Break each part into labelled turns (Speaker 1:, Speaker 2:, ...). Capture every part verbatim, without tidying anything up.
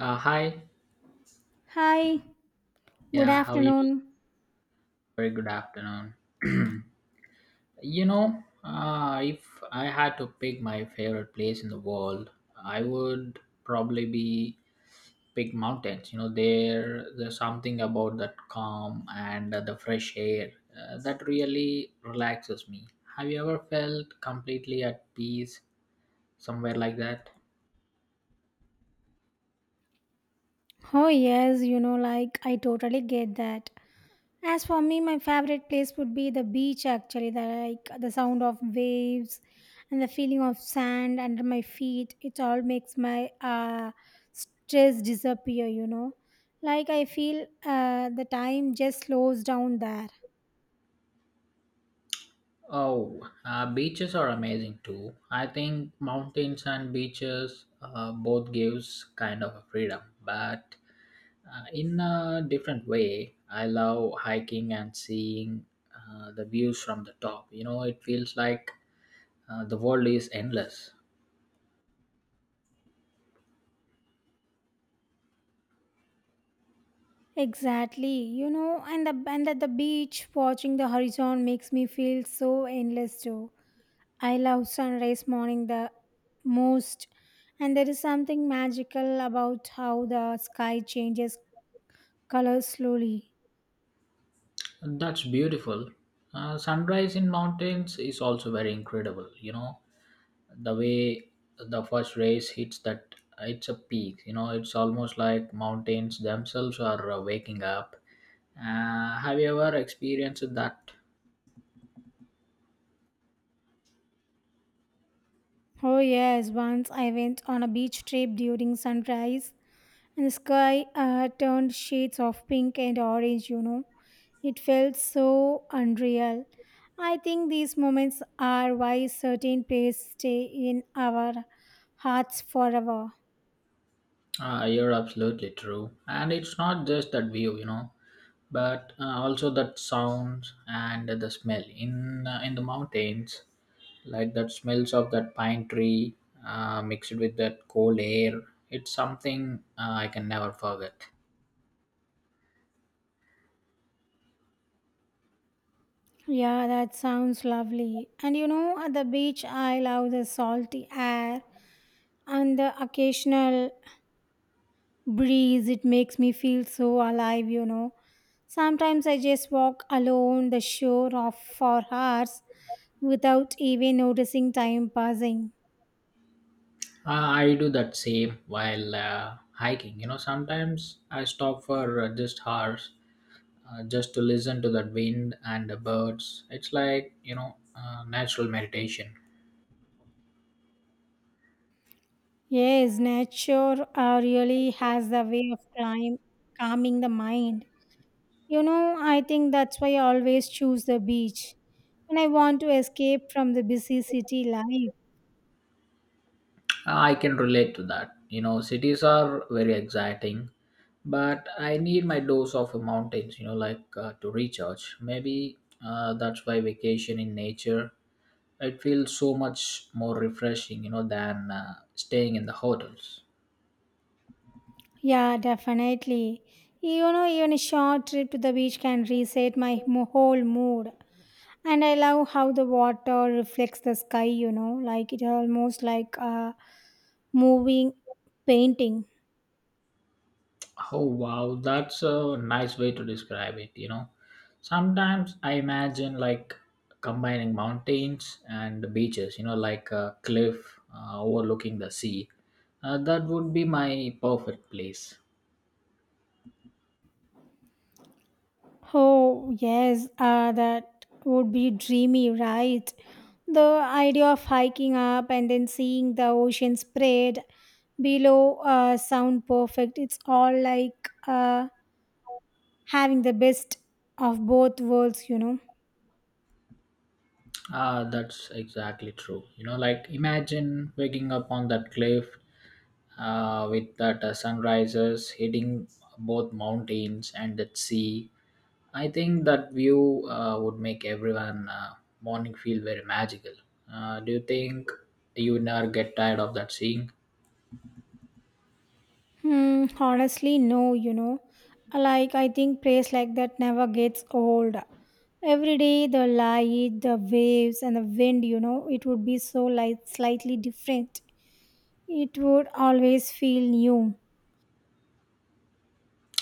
Speaker 1: Uh, hi.
Speaker 2: Hi, good
Speaker 1: Yeah, how you doing?
Speaker 2: afternoon.
Speaker 1: Very good afternoon. You know, uh, if I had to pick my favorite place in the world, I would probably be pick mountains. You know, there there's something about that calm and uh, the fresh air uh, that really relaxes me. Have you ever felt completely at peace somewhere like that?
Speaker 2: Oh, yes, you know, like I totally get that. As for me, my favorite place would be the beach actually, the like the sound of waves and the feeling of sand under my feet. It all makes my uh stress disappear, you know. Like I feel uh the time just slows down there.
Speaker 1: Oh, uh, beaches are amazing too. I think mountains and beaches uh, both gives kind of a freedom, but uh, in a different way. I love hiking and seeing uh, the views from the top. You know, it feels like uh, the world is endless.
Speaker 2: Exactly, you know, and the and at the beach watching the horizon makes me feel so endless too. I love sunrise morning the most, and there is something magical about how the sky changes colors slowly.
Speaker 1: That's beautiful. Uh, sunrise in mountains is also very incredible. You know, the way the first rays hits that it's a peak, you know, it's almost like mountains themselves are uh, waking up. Uh, have you ever experienced that?
Speaker 2: Oh, yes, once I went on a beach trip during sunrise, and the sky uh, turned shades of pink and orange, you know. It felt so unreal. I think these moments are why certain places stay in our hearts forever.
Speaker 1: Uh, you're absolutely true, and it's not just that view, you know, but uh, also that sounds and the smell in uh, in the mountains, like that smells of that pine tree uh, mixed with that cold air. It's something uh, I can never forget.
Speaker 2: Yeah, that sounds lovely. And you know, at the beach, I love the salty air and the occasional breeze. It makes me feel so alive, you know. Sometimes I just walk alone the shore of for hours without even noticing time passing.
Speaker 1: Uh, I do that same while uh, hiking. You know, sometimes I stop for uh, just hours uh, just to listen to that wind and the birds. It's like, you know, uh, natural meditation.
Speaker 2: Yes, nature uh, really has a way of climb, calming the mind. You know, I think that's why I always choose the beach when I want to escape from the busy city life.
Speaker 1: Uh, I can relate to that. You know, cities are very exciting, but I need my dose of mountains, you know, like uh, to recharge. Maybe uh, that's why vacation in nature, it feels so much more refreshing, you know, than uh, staying in the hotels.
Speaker 2: Yeah, definitely. You know, even a short trip to the beach can reset my mo- whole mood. And I love how the water reflects the sky, you know, like it almost like a moving painting.
Speaker 1: Oh wow, that's a nice way to describe it, you know. Sometimes I imagine like combining mountains and beaches, you know, like a cliff uh, overlooking the sea. Uh, that would be my perfect place.
Speaker 2: Oh, yes, uh, that would be dreamy, right? The idea of hiking up and then seeing the ocean spread below uh, sound perfect. It's all like uh, having the best of both worlds, you know.
Speaker 1: Ah, that's exactly true. You know, like imagine waking up on that cliff uh, with that uh, sunrises hitting both mountains and that sea. I think that view uh, would make everyone uh, morning feel very magical. Uh, do you think you would never get tired of that seeing?
Speaker 2: Hmm, honestly, no, you know. Like, I think praise like that never gets old. Every day, the light, the waves, and the wind, you know, it would be so light, slightly different. It would always feel new.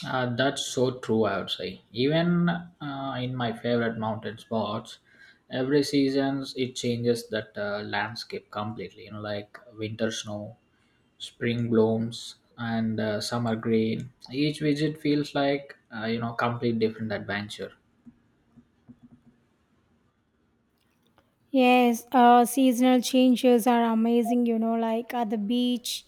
Speaker 1: Uh, that's so true, I would say. Even uh, in my favorite mountain spots, every season it changes that uh, landscape completely. You know, like winter snow, spring blooms, and uh, summer green. Each visit feels like uh, you know complete different adventure.
Speaker 2: Yes, uh, seasonal changes are amazing, you know, like at the beach,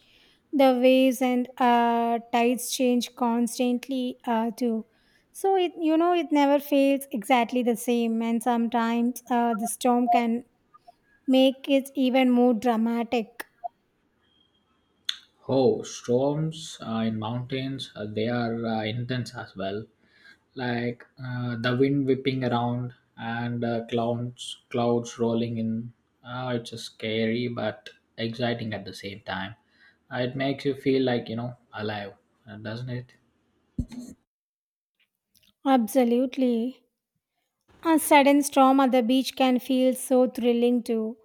Speaker 2: the waves and uh, tides change constantly uh, too. So it, you know, it never feels exactly the same, and sometimes uh, the storm can make it even more dramatic.
Speaker 1: Oh, storms uh, in mountains, uh, they are uh, intense as well. Like uh, the wind whipping around and uh, clouds, clouds rolling in. Uh, it's a scary but exciting at the same time. Uh, it makes you feel like, you know, alive, uh, doesn't it?
Speaker 2: Absolutely. A sudden storm at the beach can feel so thrilling too.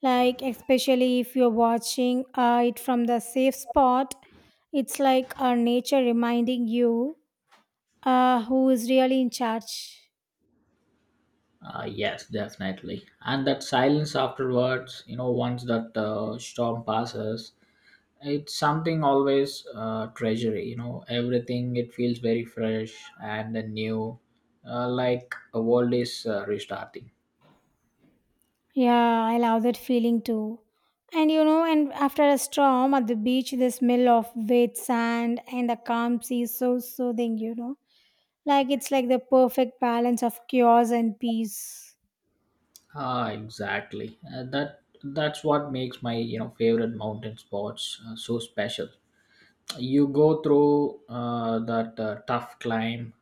Speaker 2: Like, especially if you're watching uh, it from the safe spot, it's like our nature reminding you uh, who is really in charge.
Speaker 1: Uh, yes, definitely. And that silence afterwards, you know, once that uh, storm passes, it's something always uh, treasury, you know, everything it feels very fresh and then new, uh, like a world is uh, restarting.
Speaker 2: Yeah, I love that feeling too. And you know, and after a storm at the beach, the smell of wet sand and the calm sea is so soothing, you know. Like, it's like the perfect balance of chaos and peace.
Speaker 1: Ah exactly, uh, that that's what makes my, you know, favorite mountain spots uh, so special. You go through uh, that uh, tough climb,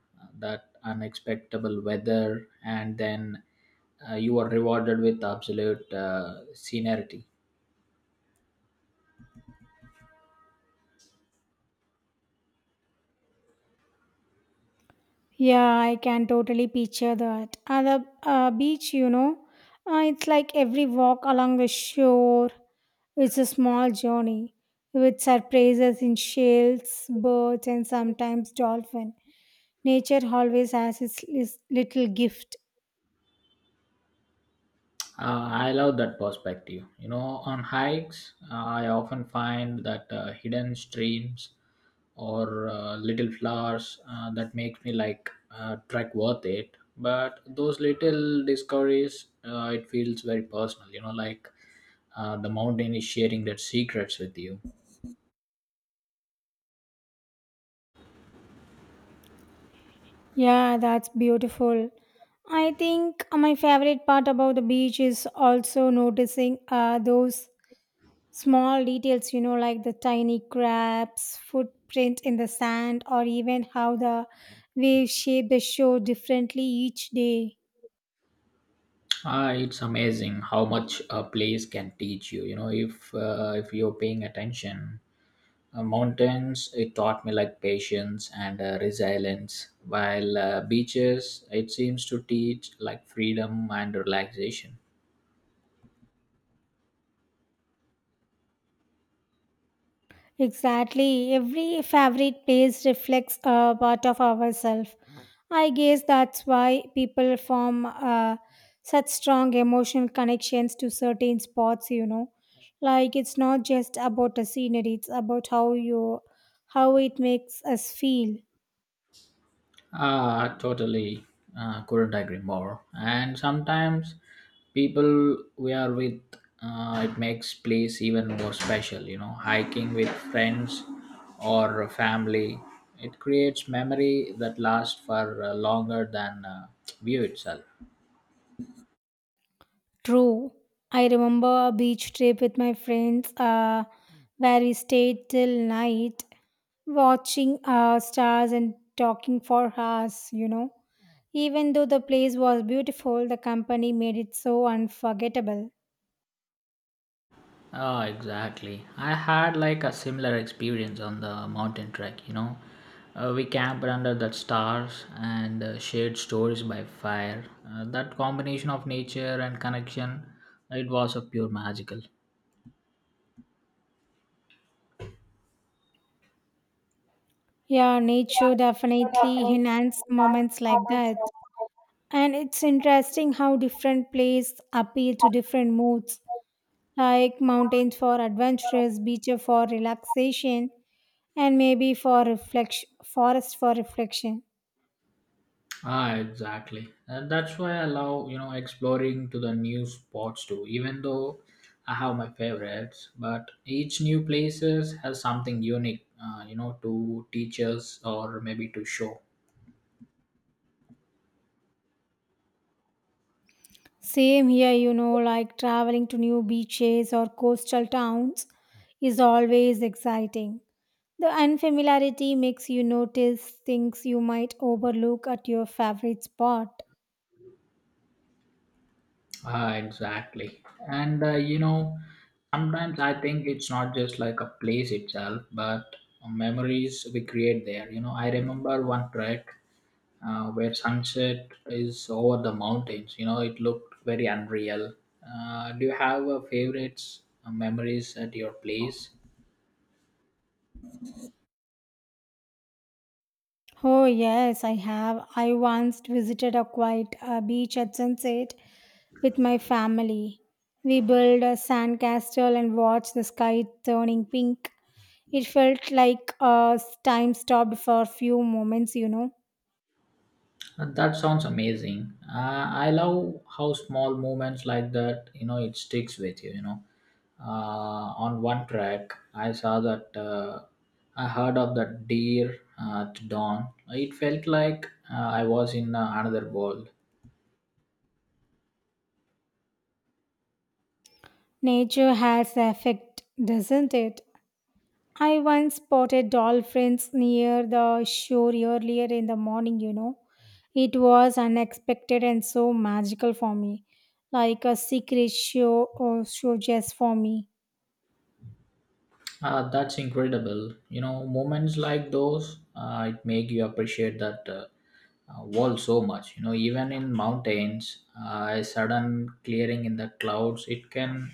Speaker 1: that unexpectable weather, and then uh, you are rewarded with absolute uh, scenery.
Speaker 2: Yeah, I can totally picture that. At the uh, beach, you know, uh, it's like every walk along the shore is a small journey with surprises in shells, birds, and sometimes dolphin. Nature always has its lis- little gift.
Speaker 1: Uh, I love that perspective. You know, on hikes, uh, I often find that uh, hidden streams or uh, little flowers uh, that makes me like uh, trek worth it. But those little discoveries, uh, it feels very personal. You know, like uh, the mountain is sharing their secrets with you.
Speaker 2: Yeah, that's beautiful. I think my favorite part about the beach is also noticing uh, those Small details, you know, like the tiny crab's footprint in the sand, or even how the waves shape the shore differently each day.
Speaker 1: Ah, it's amazing how much a place can teach you. You know, if uh, if you're paying attention. Uh, mountains, it taught me like patience and uh, resilience, while uh, beaches, it seems to teach like freedom and relaxation.
Speaker 2: Exactly. Every favorite place reflects a part of ourselves. I guess that's why people form uh, such strong emotional connections to certain spots, you know. Like it's not just about the scenery, it's about how you how it makes us feel.
Speaker 1: Ah, totally. Uh, couldn't agree more. And sometimes people we are with, uh, it makes place even more special. You know, hiking with friends or family, it creates memory that lasts for uh, longer than uh, view itself.
Speaker 2: True. I remember a beach trip with my friends uh, where we stayed till night watching uh, stars and talking for hours, you know. Even though the place was beautiful, the company made it so unforgettable.
Speaker 1: Ah, exactly. I had like a similar experience on the mountain trek, you know. Uh, we camped under the stars and uh, shared stories by fire. Uh, that combination of nature and connection, it was a pure magical.
Speaker 2: Yeah, nature definitely enhanced moments like that. And it's interesting how different places appeal to different moods. Like mountains for adventures, beaches for relaxation, and maybe for reflection, forest for reflection.
Speaker 1: Ah, exactly. And that's why I love, you know, exploring to the new spots too. Even though I have my favorites, but each new places has something unique, uh, you know, to teach us or maybe to show.
Speaker 2: Same here, you know, like traveling to new beaches or coastal towns is always exciting. The unfamiliarity makes you notice things you might overlook at your favorite spot.
Speaker 1: Uh, exactly. And uh, you know, sometimes I think it's not just like a place itself, but memories we create there. You know, I remember one trek uh, where sunset is over the mountains. You know, it looked very unreal. Uh, do you have uh, favorites uh, memories at your place?
Speaker 2: Oh, yes, I have. I once visited a quiet uh, beach at sunset with my family. We built a sandcastle and watched the sky turning pink. It felt like uh, time stopped for a few moments, you know.
Speaker 1: And that sounds amazing. Uh, I love how small moments like that, you know, it sticks with you. You know, uh, on one track, I saw that uh, I heard of the deer uh, at dawn. It felt like uh, I was in uh, another world.
Speaker 2: Nature has effect, doesn't it? I once spotted dolphins near the shore earlier in the morning, you know. It was unexpected and so magical for me, like a secret show or show just for me.
Speaker 1: Uh, that's incredible. You know, moments like those, uh, it make you appreciate that uh, uh, world so much. You know, even in mountains, uh, a sudden clearing in the clouds, it can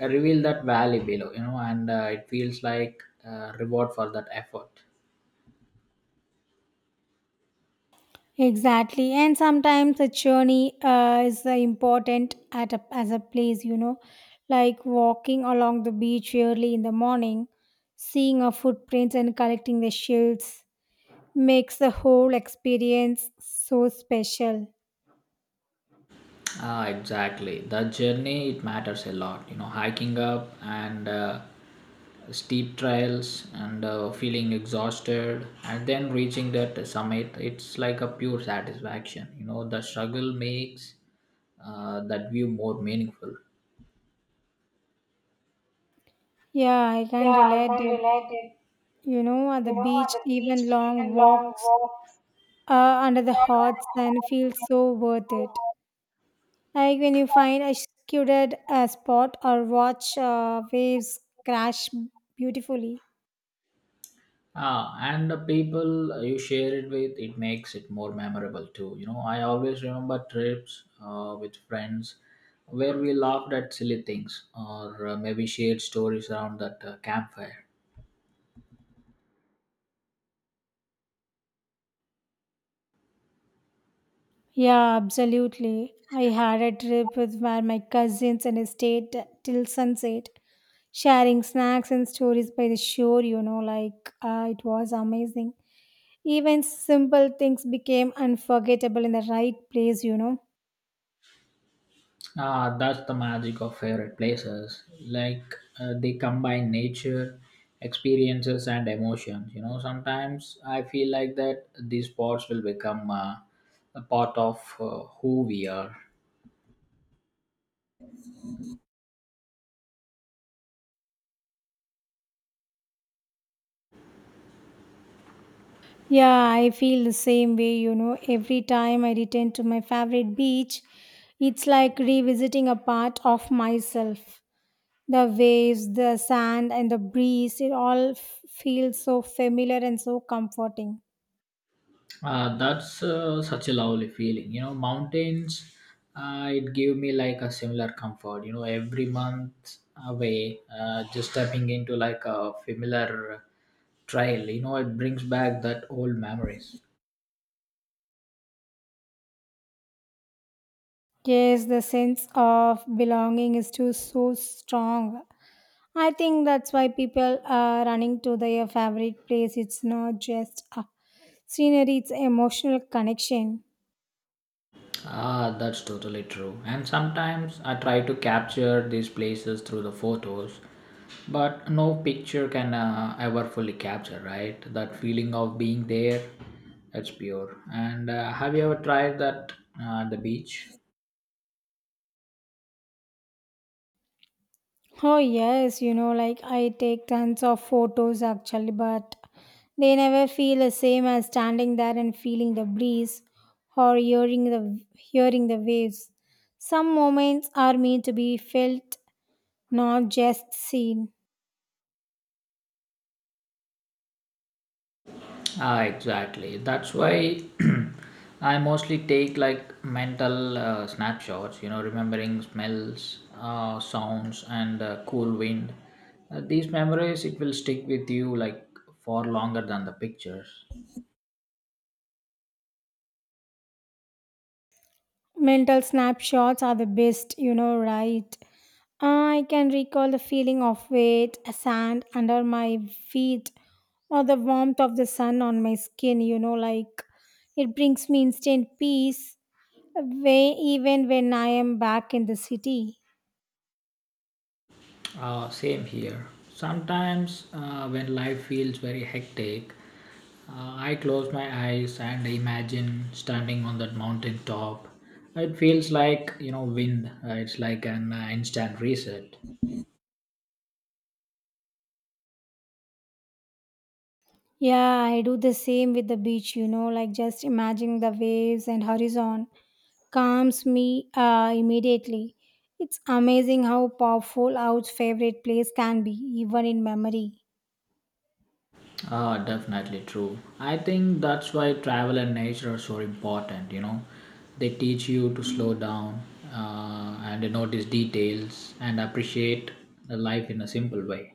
Speaker 1: reveal that valley below. You know, and uh, it feels like a reward for that effort.
Speaker 2: Exactly, and sometimes a journey uh, is uh, important at a, as a place, you know, like walking along the beach early in the morning, seeing our footprints and collecting the shells makes the whole experience so special.
Speaker 1: Ah, exactly. The journey it matters a lot. You know, hiking up and uh, steep trails and uh, feeling exhausted and then reaching that summit. It's like a pure satisfaction. You know, the struggle makes uh, that view more meaningful.
Speaker 2: Yeah, I can relate it. You know, at the beach, even long walks uh, under the hot sun feel so worth it. Like when you find a secluded uh, spot or watch uh, waves crash beautifully.
Speaker 1: Ah, and the people you share it with, it makes it more memorable too. You know, I always remember trips uh, with friends where we laughed at silly things or uh, maybe shared stories around that uh, campfire.
Speaker 2: Yeah, absolutely. I had a trip with where my cousins and I stayed till sunset, sharing snacks and stories by the shore, you know, like uh, it was amazing. Even simple things became unforgettable in the right place, you know.
Speaker 1: Ah, that's the magic of favorite places. Like uh, they combine nature, experiences, and emotions. You know, sometimes I feel like that these spots will become uh, a part of uh, who we are.
Speaker 2: Yeah, I feel the same way, you know. Every time I return to my favorite beach, it's like revisiting a part of myself. The waves, the sand, and the breeze, it all f- feels so familiar and so comforting.
Speaker 1: Uh, that's uh, such a lovely feeling. You know, mountains, uh, it gave me like a similar comfort. You know, every month away, uh, just stepping into like a familiar trail, you know, it brings back that old memories.
Speaker 2: Yes, the sense of belonging is too so strong. I think that's why people are running to their favorite place. It's not just a scenery, it's emotional connection.
Speaker 1: Ah, that's totally true. And sometimes I try to capture these places through the photos, but no picture can uh, ever fully capture, right? That feeling of being there, it's pure. And uh, have you ever tried that uh, at the beach?
Speaker 2: Oh, yes, you know, like I take tons of photos actually, but they never feel the same as standing there and feeling the breeze or hearing the hearing the waves. Some moments are meant to be felt, not just seen.
Speaker 1: Ah, exactly. That's why I mostly take like mental uh, snapshots, you know, remembering smells, uh, sounds, and uh, cool wind. Uh, these memories, it will stick with you like for longer than the pictures.
Speaker 2: Mental snapshots are the best, you know, right? I can recall the feeling of weight, sand under my feet, or the warmth of the sun on my skin, you know, like it brings me instant peace, way, even when I am back in the city.
Speaker 1: Uh, same here. Sometimes uh, when life feels very hectic, uh, I close my eyes and imagine standing on that mountain top. It feels like you know wind. Uh, it's like an uh, instant reset.
Speaker 2: Yeah, I do the same with the beach, you know, like just imagining the waves and horizon calms me uh, immediately. It's amazing how powerful our favorite place can be, even in memory.
Speaker 1: Ah, definitely true. I think that's why travel and nature are so important. You know, they teach you to slow down uh, and to notice details and appreciate the life in a simple way.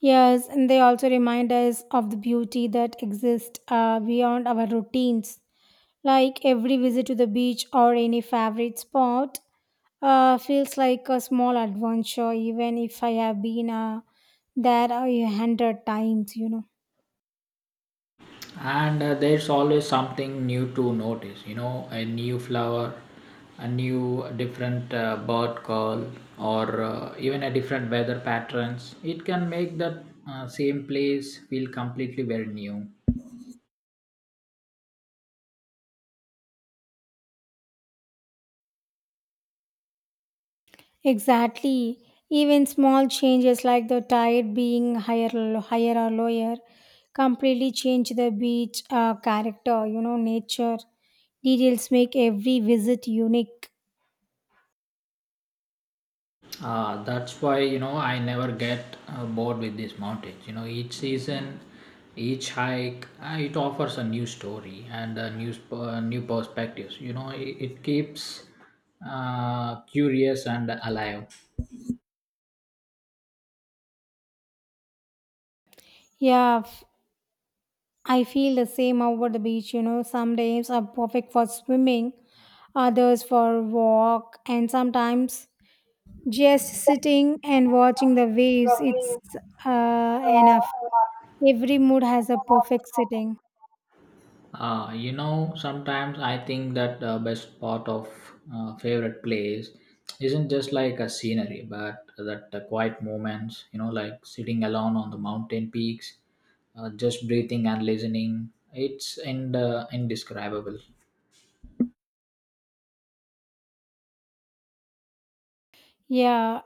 Speaker 2: Yes, and they also remind us of the beauty that exists uh, beyond our routines. Like every visit to the beach or any favorite spot uh, feels like a small adventure, even if I have been uh, there a hundred times, you know.
Speaker 1: And uh, there's always something new to notice. You know, a new flower, a new different uh, bird call, or uh, even a different weather patterns. It can make that uh, same place feel completely very new.
Speaker 2: Exactly. Even small changes like the tide being higher, higher or lower completely change the beach uh, character, you know, nature. Details make every visit unique.
Speaker 1: Uh, that's why you know I never get uh, bored with these mountains. You know each season, each hike, uh, it offers a new story and a new sp- uh, new perspectives. You know it, it keeps uh, curious and alive.
Speaker 2: Yeah, f- I feel the same over the beach, you know. Some days are perfect for swimming, others for walk, and sometimes just sitting and watching the waves. It's uh, enough. Every mood has a perfect sitting.
Speaker 1: Uh, you know, sometimes I think that the best part of uh, favorite place isn't just like a scenery, but that the quiet moments, you know, like sitting alone on the mountain peaks, uh, just breathing and listening. It's in the indescribable.
Speaker 2: Yeah,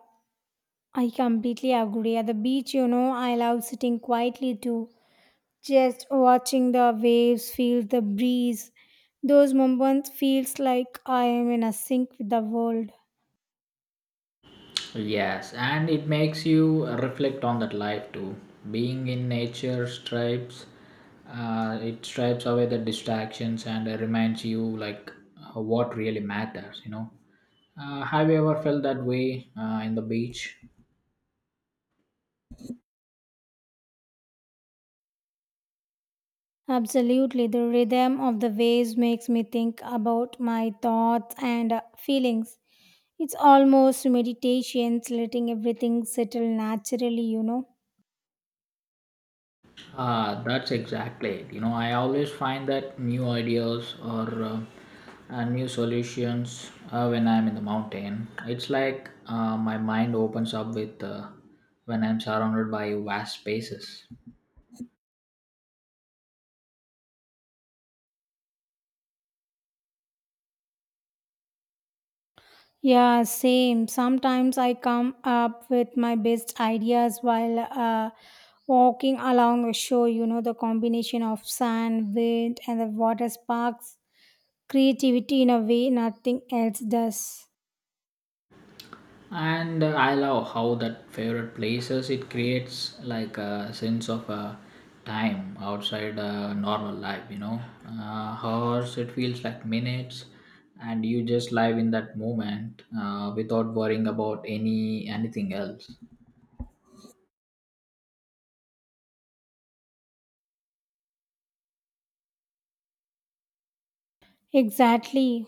Speaker 2: I completely agree. At the beach, you know, I love sitting quietly too, just watching the waves, feel the breeze. Those moments feels like I am in a sync with the world.
Speaker 1: Yes, and it makes you reflect on that life too. Being in nature stripes, uh, it stripes away the distractions and uh, reminds you like uh, what really matters. You know, uh, have you ever felt that way uh, in the beach?
Speaker 2: Absolutely, the rhythm of the waves makes me think about my thoughts and uh, feelings. It's almost meditations, letting everything settle naturally, you know.
Speaker 1: Ah, that's exactly it. You know, I always find that new ideas or uh, uh, new solutions uh, when I'm in the mountain. It's like uh, my mind opens up with uh, when I'm surrounded by vast spaces.
Speaker 2: Yeah, same. Sometimes I come up with my best ideas while uh, walking along a shore. You know, the combination of sand, wind, and the water sparks creativity in a way nothing else does.
Speaker 1: And uh, I love how that favorite places it creates like a sense of uh, time outside uh, normal life, you know, uh, hours it feels like minutes, and you just live in that moment uh, without worrying about any anything else.
Speaker 2: Exactly.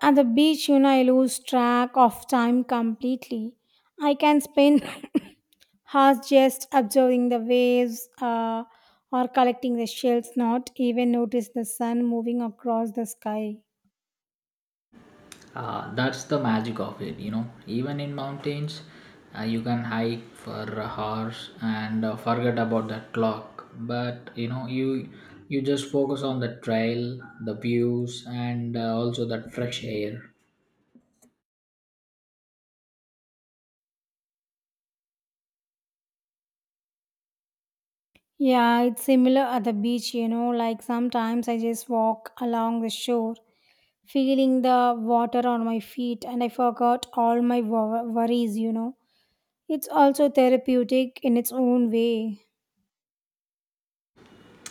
Speaker 2: At the beach, you know, I lose track of time completely. I can spend hours just observing the waves uh, or collecting the shells, not even notice the sun moving across the sky.
Speaker 1: uh, That's the magic of it, you know. Even in mountains, uh, you can hike for hours and uh, forget about the clock, but you know you you just focus on the trail, the views, and uh, also that fresh air.
Speaker 2: Yeah, it's similar at the beach, you know, like sometimes I just walk along the shore, feeling the water on my feet, and I forgot all my wo- worries, you know. It's also therapeutic in its own way.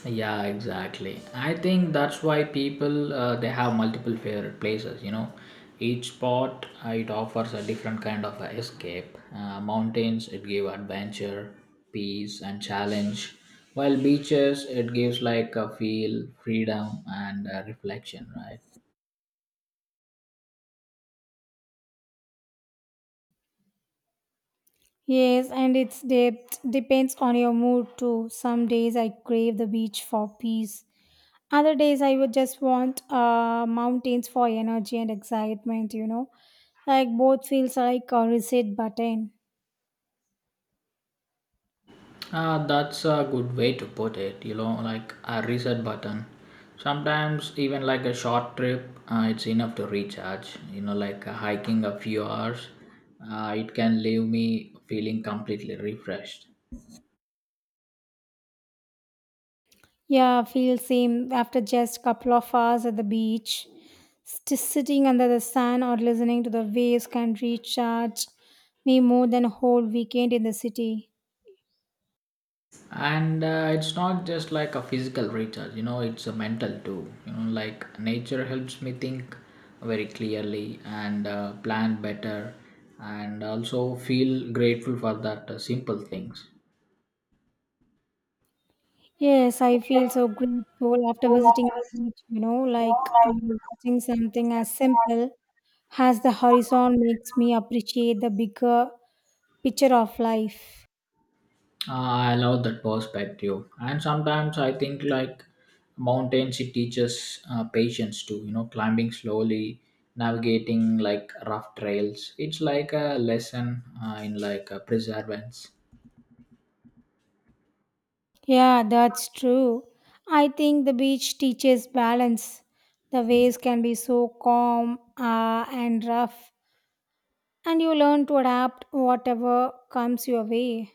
Speaker 1: Yeah, exactly. I think that's why people uh, they have multiple favorite places, you know. Each spot uh, it offers a different kind of uh, escape. Uh, mountains it give adventure, peace, and challenge, while beaches it gives like a feel freedom and uh, reflection, right?
Speaker 2: Yes, and its depth depends on your mood too. Some days I crave the beach for peace. Other days I would just want uh, mountains for energy and excitement, you know. Like both feels like a reset button.
Speaker 1: Uh, that's a good way to put it, you know, like a reset button. Sometimes, even like a short trip, uh, it's enough to recharge. You know, like uh, hiking a few hours, uh, it can leave me feeling completely refreshed.
Speaker 2: Yeah, I feel same after just couple of hours at the beach. Just sitting under the sun or listening to the waves can recharge me more than a whole weekend in the city.
Speaker 1: And uh, it's not just like a physical recharge, you know, it's a mental too. You know, like nature helps me think very clearly and uh, plan better and also feel grateful for that uh, simple things.
Speaker 2: Yes, I feel so grateful after visiting the beach, you know, like um, visiting something as simple as the horizon makes me appreciate the bigger picture of life.
Speaker 1: I love that perspective, and sometimes I think like mountains, it teaches uh, patience too. You know, climbing slowly, navigating like rough trails. It's like a lesson uh, in like uh, perseverance.
Speaker 2: Yeah, that's true. I think the beach teaches balance. The waves can be so calm uh, and rough, and you learn to adapt whatever comes your way.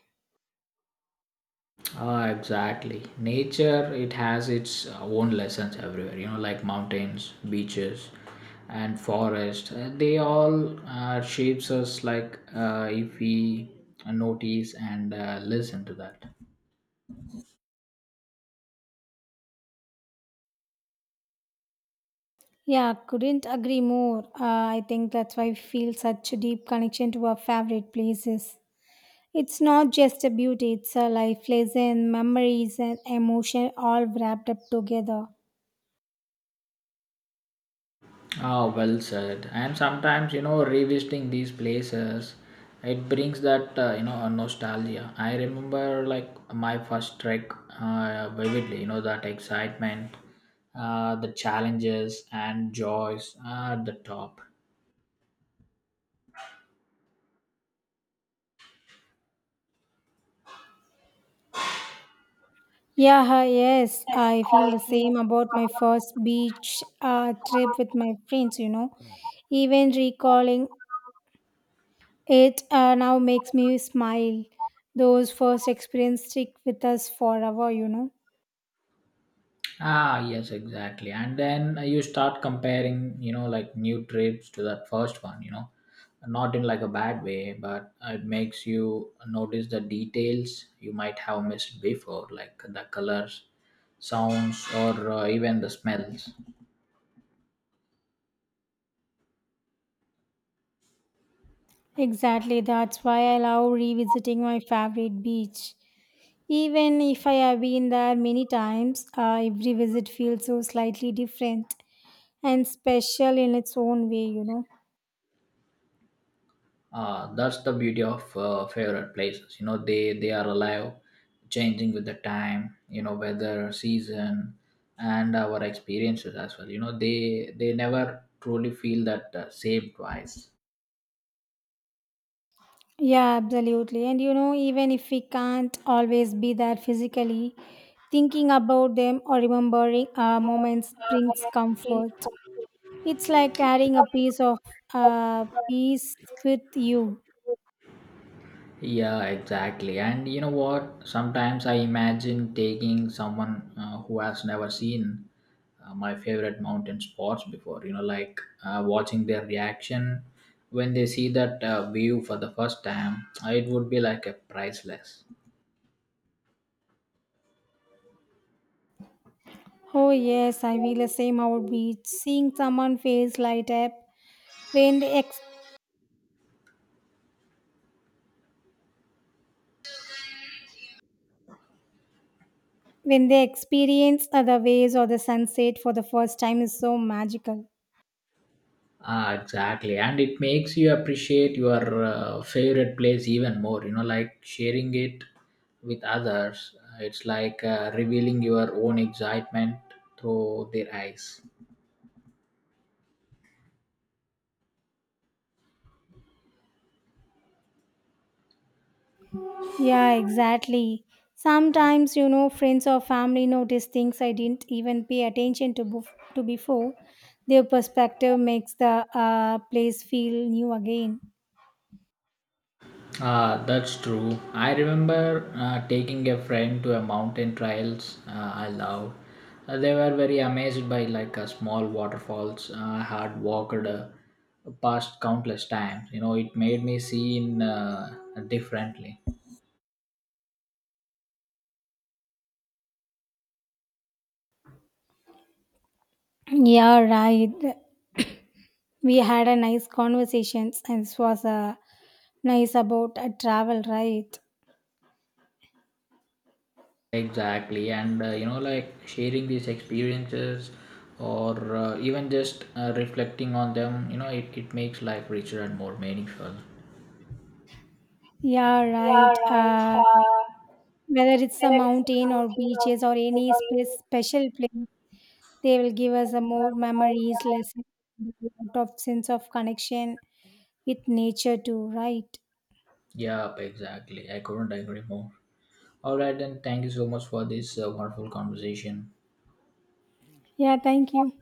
Speaker 1: Ah, exactly. Nature, it has its uh, own lessons everywhere, you know, like mountains, beaches, and forest. Uh, They all uh, shapes us like uh, if we notice and uh, listen to that.
Speaker 2: Yeah, couldn't agree more. Uh, I think that's why we feel such a deep connection to our favorite places. It's not just a beauty, it's a life lesson, memories, and emotion all wrapped up together.
Speaker 1: Ah, well said. And sometimes, you know, revisiting these places, it brings that, uh, you know, a nostalgia. I remember like my first trek uh, vividly, you know, that excitement, uh, the challenges and joys at the top.
Speaker 2: Yeah, hi, yes, I feel the same about my first beach uh, trip with my friends, you know. Even recalling it uh, now makes me smile. Those first experiences stick with us forever, you know.
Speaker 1: Ah, yes, exactly. And then uh, you start comparing, you know, like new trips to that first one, you know, not in like a bad way, but uh, it makes you notice the details you might have missed before, like the colors, sounds, or uh, even the smells.
Speaker 2: Exactly, that's why I love revisiting my favorite beach. Even if I have been there many times, uh, every visit feels so slightly different and special in its own way, you know.
Speaker 1: Uh, that's the beauty of uh, favorite places. You know they they are alive, changing with the time, you know, weather, season, and our experiences as well. You know they they never truly feel that uh, same twice.
Speaker 2: Yeah, absolutely. And you know, even if we can't always be there physically, thinking about them or remembering our moments brings comfort. It's like carrying a piece of uh, peace with you.
Speaker 1: Yeah, exactly. And you know what? Sometimes I imagine taking someone uh, who has never seen uh, my favorite mountain spots before, you know, like uh, watching their reaction when they see that uh, view for the first time, uh, it would be like a priceless.
Speaker 2: Oh, yes, I feel the same about beach. Seeing someone face light up when they, ex- when they experience other waves or the sunset for the first time is so magical.
Speaker 1: Ah, exactly. And it makes you appreciate your uh, favorite place even more, you know, like sharing it with others. uh, It's like uh, revealing your own excitement through their eyes.
Speaker 2: Yeah, exactly. Sometimes, you know, friends or family notice things I didn't even pay attention to, bef- to before. Their perspective makes the uh, place feel new again.
Speaker 1: Ah, that's true. I remember uh, taking a friend to a mountain trails uh, I love. Uh, they were very amazed by like a small waterfalls. Uh, I had walked uh, past countless times. You know, it made me see in uh, differently.
Speaker 2: Yeah, right. We had a nice conversations and this was uh, nice about uh, travel, right?
Speaker 1: Exactly, and uh, you know, like sharing these experiences or uh, even just uh, reflecting on them, you know, it, it makes life richer and more meaningful.
Speaker 2: Yeah, right. Uh, whether it's a mountain or beaches or any spe- special place, they will give us a more memories, lessons, a lot of sense of connection with nature too, right?
Speaker 1: Yep, exactly. I couldn't agree more. All right, then. Thank you so much for this uh, wonderful conversation.
Speaker 2: Yeah, thank you.